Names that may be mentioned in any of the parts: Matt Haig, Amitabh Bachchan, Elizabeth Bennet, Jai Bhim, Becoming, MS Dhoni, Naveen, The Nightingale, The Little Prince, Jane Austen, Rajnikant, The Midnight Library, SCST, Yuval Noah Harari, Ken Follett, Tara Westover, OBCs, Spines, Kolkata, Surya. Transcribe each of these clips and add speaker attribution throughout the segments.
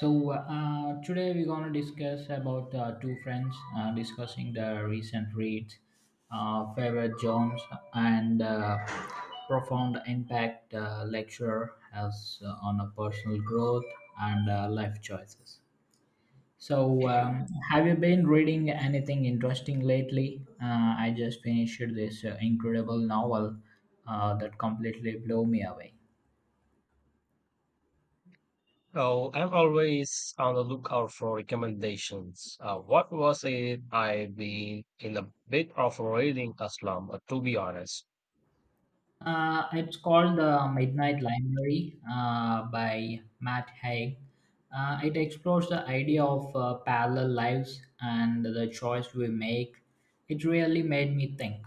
Speaker 1: So today we're gonna discuss about two friends discussing their recent reads, favorite genres, and profound impact lecture has on a personal growth and life choices. So have you been reading anything interesting lately? I just finished this incredible novel that completely blew me away.
Speaker 2: So I'm always on the lookout for recommendations. What was it? I've been in a bit of a reading a slump, to be honest.
Speaker 1: It's called The Midnight Library by Matt Haig. It explores the idea of parallel lives and the choice we make. It really made me think.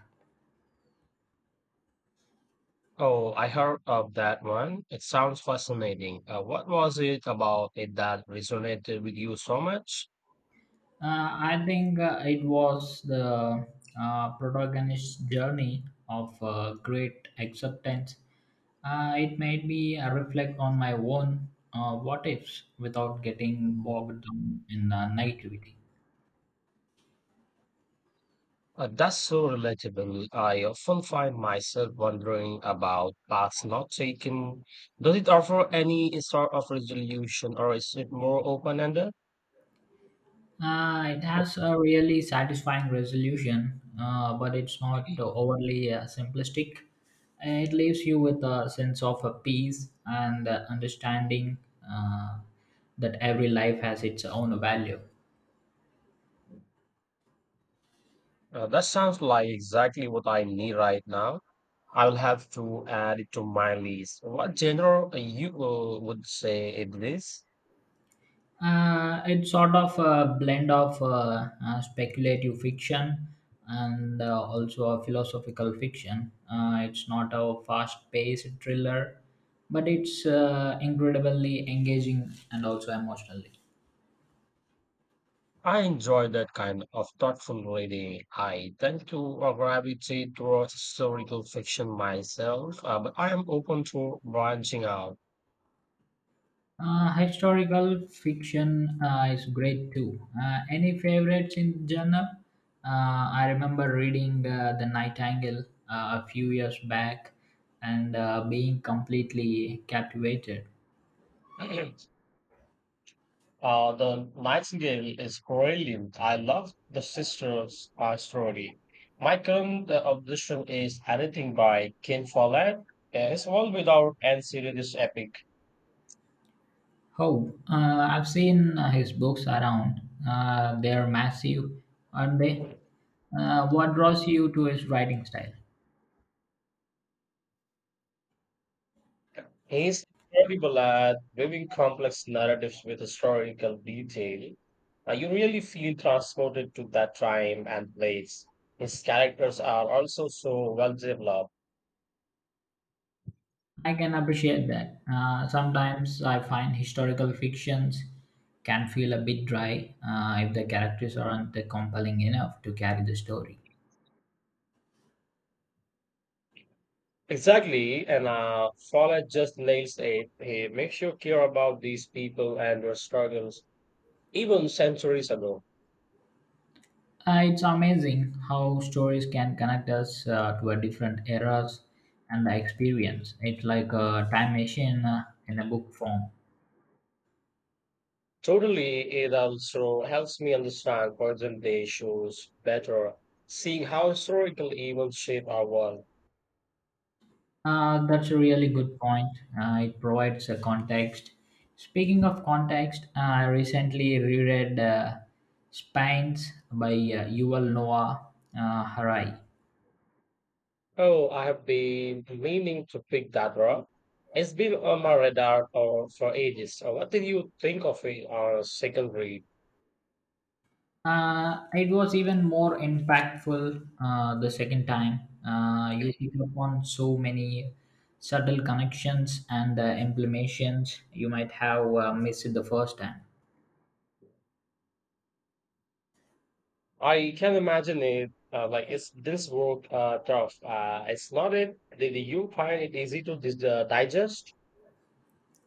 Speaker 2: Oh, I heard of that one. It sounds fascinating. What was it about it that resonated with you so much?
Speaker 1: Uh, I think it was the protagonist's journey of great acceptance. It made me reflect on my own what ifs without getting bogged down in negativity.
Speaker 2: That's so relatable. I often find myself wondering about paths not taken. Does it offer any sort of resolution, or is it more open-ended?
Speaker 1: It has a really satisfying resolution, but it's not overly simplistic. It leaves you with a sense of a peace and understanding uh, that every life has its own value.
Speaker 2: That sounds like exactly what I need right now. I will have to add it to my list. What genre you would say it is?
Speaker 1: It's sort of a blend of speculative fiction and also a philosophical fiction. It's not a fast paced thriller, but it's incredibly engaging and also emotionally.
Speaker 2: I enjoy that kind of thoughtful reading. I tend to gravitate towards historical fiction myself, but I am open to branching out.
Speaker 1: Historical fiction is great too. Any favorites in genre? I remember reading The Nightingale a few years back and being completely captivated.
Speaker 2: The Nightingale is brilliant. I love the sister's story. My current obsession is anything by Ken Follett. His All Without End series is epic.
Speaker 1: Oh, I've seen his books around. They're massive, aren't they? What draws you to his writing style?
Speaker 2: He's incredible at weaving complex narratives with historical detail. You really feel transported to that time and place. His characters are also so well developed.
Speaker 1: I can appreciate that. Sometimes I find historical fictions can feel a bit dry if the characters aren't compelling enough to carry the story.
Speaker 2: Exactly, and Fowler just nails it. He makes you care about these people and their struggles, even centuries ago.
Speaker 1: It's amazing how stories can connect us to a different eras and the experience. It's like a time machine in a book form.
Speaker 2: Totally, it also helps me understand present day issues better, seeing how historical evils shape our world.
Speaker 1: That's a really good point. It provides a context. Speaking of context, I recently reread Spines by Yuval Noah Harari.
Speaker 2: Oh, I have been meaning to pick that up. It's been on my radar for ages. What did you think of it, our second read?
Speaker 1: It was even more impactful the second time. You pick up on so many subtle connections and implications you might have missed the first time.
Speaker 2: I can imagine it. Like, it's this work tough? It's not it. Did you find it easy to digest?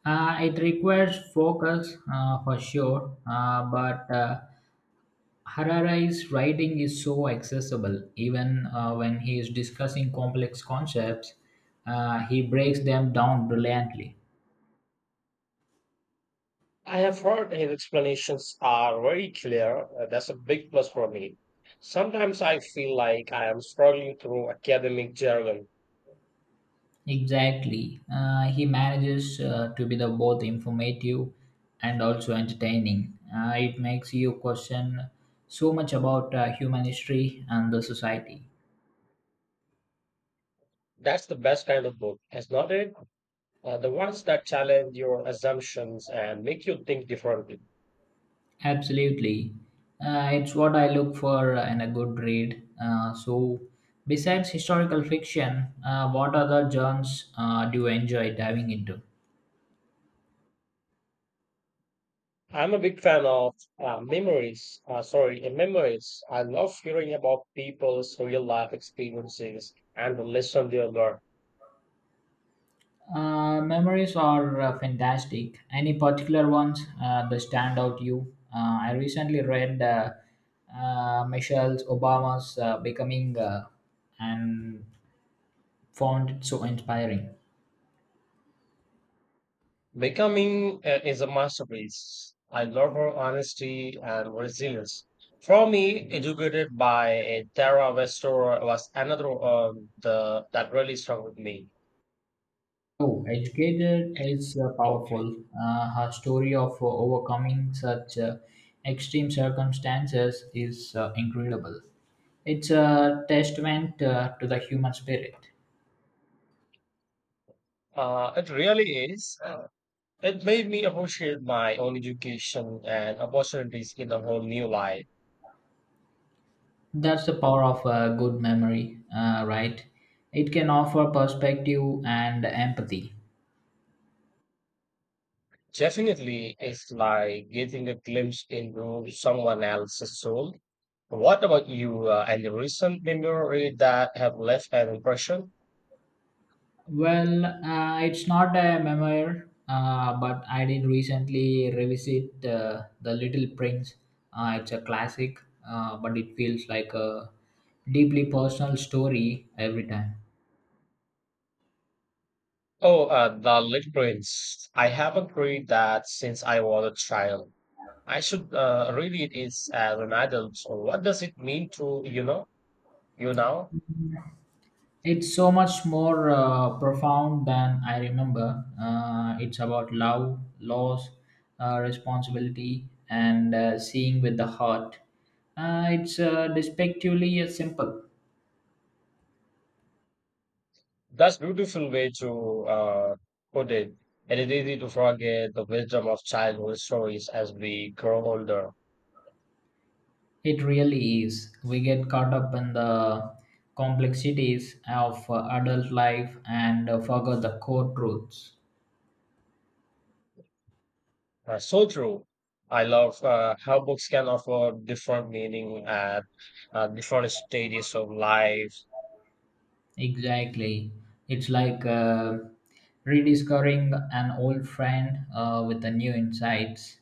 Speaker 1: It requires focus for sure, but Harari's writing is so accessible, even when he is discussing complex concepts, he breaks them down brilliantly.
Speaker 2: I have heard his explanations are very clear. That's a big plus for me. Sometimes I feel like I am struggling through academic jargon.
Speaker 1: Exactly. He manages to be the both informative and also entertaining. It makes you question so much about human history and the society.
Speaker 2: That's the best kind of book, is not it? The ones that challenge your assumptions and make you think differently.
Speaker 1: Absolutely. It's what I look for in a good read. So, besides historical fiction, what other genres do you enjoy diving into?
Speaker 2: I'm a big fan of memories. Sorry, memories. I love hearing about people's real life experiences and the lesson they learn.
Speaker 1: Memories are fantastic. Any particular ones that stand out to you? I recently read Michelle Obama's Becoming and found it so inspiring.
Speaker 2: Becoming is a masterpiece. I love her honesty and resilience. For me, educated by Tara Westover was another the that really struck with me.
Speaker 1: Oh, educated is powerful. Her story of overcoming such extreme circumstances is incredible. It's a testament to the human spirit.
Speaker 2: It really is. It made me appreciate my own education and opportunities in a whole new light.
Speaker 1: That's the power of a good memory, right? It can offer perspective and empathy.
Speaker 2: Definitely, it's like getting a glimpse into someone else's soul. What about you? Any recent memory that have left an impression?
Speaker 1: Well, it's not a memoir, but I did recently revisit The Little Prince. It's a classic, but it feels like a deeply personal story every time.
Speaker 2: Oh, The Little Prince. I haven't read that since I was a child. I should read it is as an adult. So what does it mean to you know you now?
Speaker 1: It's so much more profound than I remember. It's about love, loss, responsibility, and seeing with the heart. It's despectively simple.
Speaker 2: That's beautiful way to uh, put it, and it's easy to forget the wisdom of childhood stories as we grow older.
Speaker 1: It really is. We get caught up in the complexities of adult life and forget the core truths.
Speaker 2: So true. I love how books can offer different meaning at different stages of life.
Speaker 1: Exactly. It's like rediscovering an old friend with a new insights.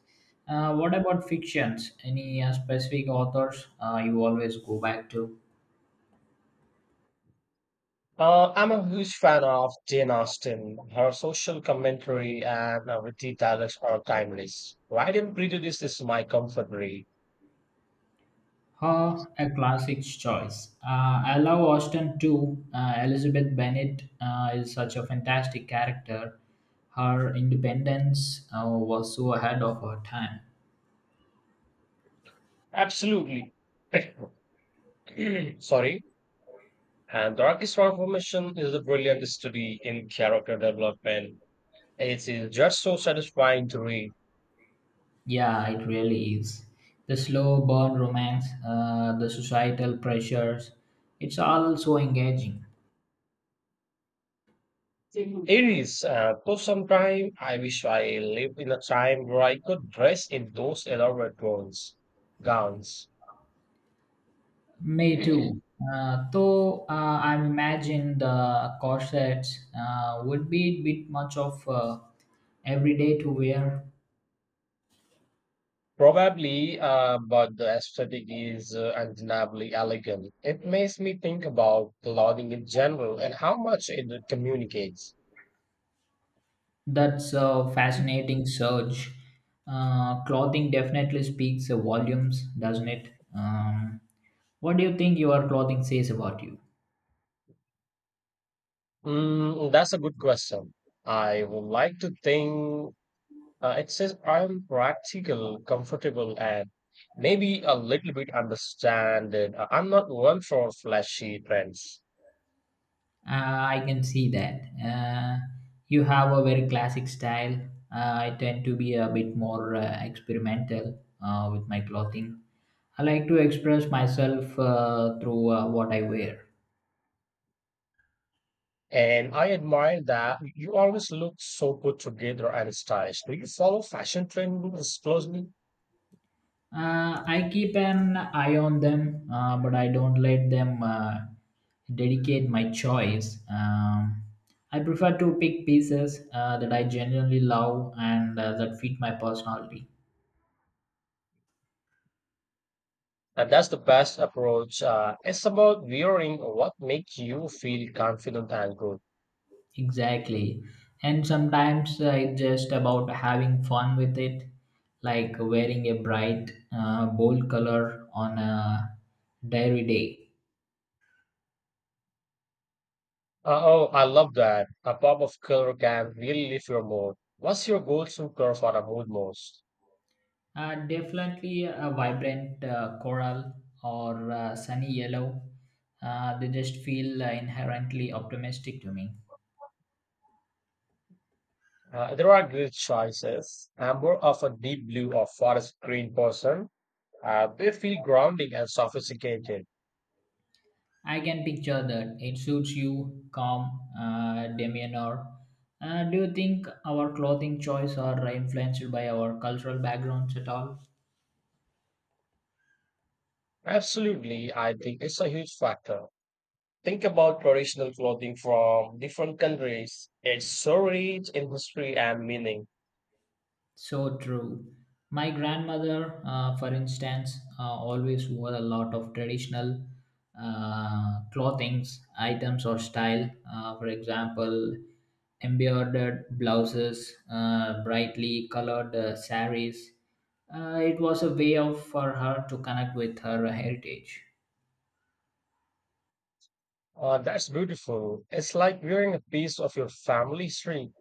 Speaker 1: What about fictions? Any specific authors you always go back to?
Speaker 2: I'm a huge fan of Jane Austen. Her social commentary and witty dialects are timeless. Pride and Prejudice is my comfort read.
Speaker 1: Her a classic choice. I love Austen too. Elizabeth Bennet is such a fantastic character. Her independence was so ahead of her time.
Speaker 2: Absolutely. Sorry. And Darkest Transformation is a brilliant study in character development. It is just so satisfying to read.
Speaker 1: Yeah, it really is. The slow burn romance, the societal pressures, it's all so engaging.
Speaker 2: It is. Though sometime I wish I lived in a time where I could dress in those elaborate gowns. Gowns.
Speaker 1: Me too. Though I imagine the corsets would be a bit much of every day to wear.
Speaker 2: Probably, but the aesthetic is undeniably elegant. It makes me think about clothing in general and how much it communicates.
Speaker 1: That's a fascinating surge. Clothing definitely speaks volumes, doesn't it? Um, what do you think your clothing says about you?
Speaker 2: Mm, that's a good question. I would like to think it says I'm practical, comfortable, and maybe a little bit understand it. I'm not one for flashy trends.
Speaker 1: Uh, I can see that. You have a very classic style. I tend to be a bit more experimental with my clothing. I like to express myself through what I wear.
Speaker 2: And I admire that you always look so put together and stylish. Do you follow fashion trends closely?
Speaker 1: I keep an eye on them, but I don't let them dedicate my choice. I prefer to pick pieces that I genuinely love and that fit my personality.
Speaker 2: And that's the best approach. It's about viewing what makes you feel confident and good.
Speaker 1: Exactly. And sometimes it's just about having fun with it, like wearing a bright, bold color on a diary day.
Speaker 2: Oh, I love that. A pop of color can really lift your mood. What's your go-to color for a mood most?
Speaker 1: Definitely a vibrant coral or sunny yellow. They just feel inherently optimistic to me.
Speaker 2: There are great choices. I'm more of a deep blue or forest green person. They feel grounding and sophisticated.
Speaker 1: I can picture that. It suits you, calm demeanor. Do you think our clothing choice are influenced by our cultural backgrounds at all?
Speaker 2: Absolutely, I think it's a huge factor. Think about traditional clothing from different countries. It's so rich in history and meaning.
Speaker 1: So true. My grandmother, for instance, always wore a lot of traditional clothings, items, or style. For example, embroidered blouses, brightly colored saris. It was a way of for her to connect with her heritage.
Speaker 2: That's beautiful. It's like wearing a piece of your family history.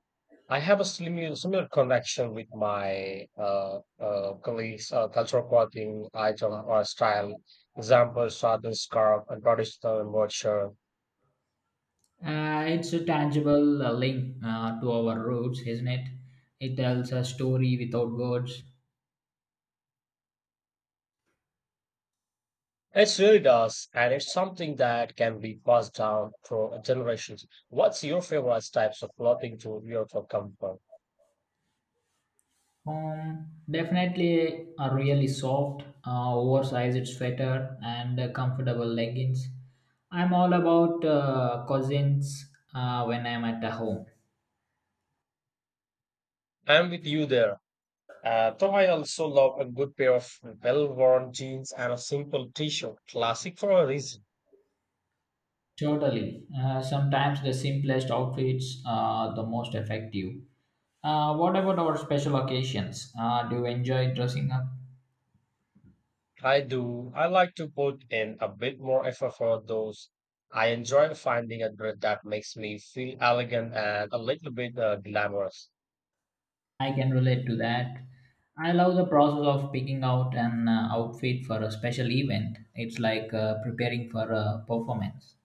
Speaker 2: I have a similar connection with my colleagues, cultural clothing item or style. Example, southern scarf and traditional work
Speaker 1: It's a tangible link to our roots, isn't it? It tells a story without words.
Speaker 2: It really does, and it's something that can be passed down through generations. What's your favorite types of clothing to wear for comfort?
Speaker 1: Definitely a really soft, oversized sweater and comfortable leggings. I'm all about cousins when I'm at the home.
Speaker 2: I'm with you there. Though I also love a good pair of well worn jeans and a simple t shirt. Classic for a reason.
Speaker 1: Totally. Sometimes the simplest outfits are the most effective. What about our special occasions? Do you enjoy dressing up?
Speaker 2: I do. I like to put in a bit more effort for those. I enjoy finding a dress that makes me feel elegant and a little bit glamorous.
Speaker 1: I can relate to that. I love the process of picking out an outfit for a special event. It's like preparing for a performance.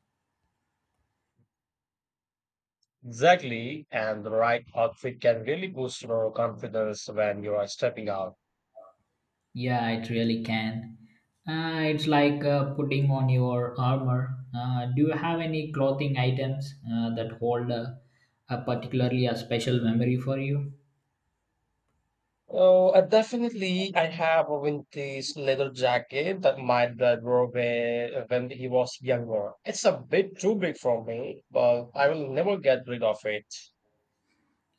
Speaker 2: Exactly. And the right outfit can really boost your confidence when you are stepping out.
Speaker 1: Yeah, it really can. It's like putting on your armor. Do you have any clothing items that hold a particularly a special memory for you?
Speaker 2: Oh, definitely. I have a vintage leather jacket that my dad wore when he was younger. It's a bit too big for me, but I will never get rid of it.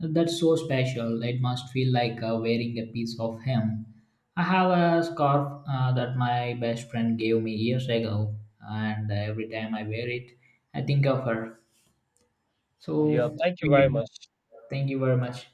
Speaker 1: That's so special. It must feel like wearing a piece of him. I have a scarf that my best friend gave me years ago, and every time I wear it, I think of her. So,
Speaker 2: Yeah, thank you
Speaker 1: thank
Speaker 2: very
Speaker 1: you
Speaker 2: much.
Speaker 1: thank you very much.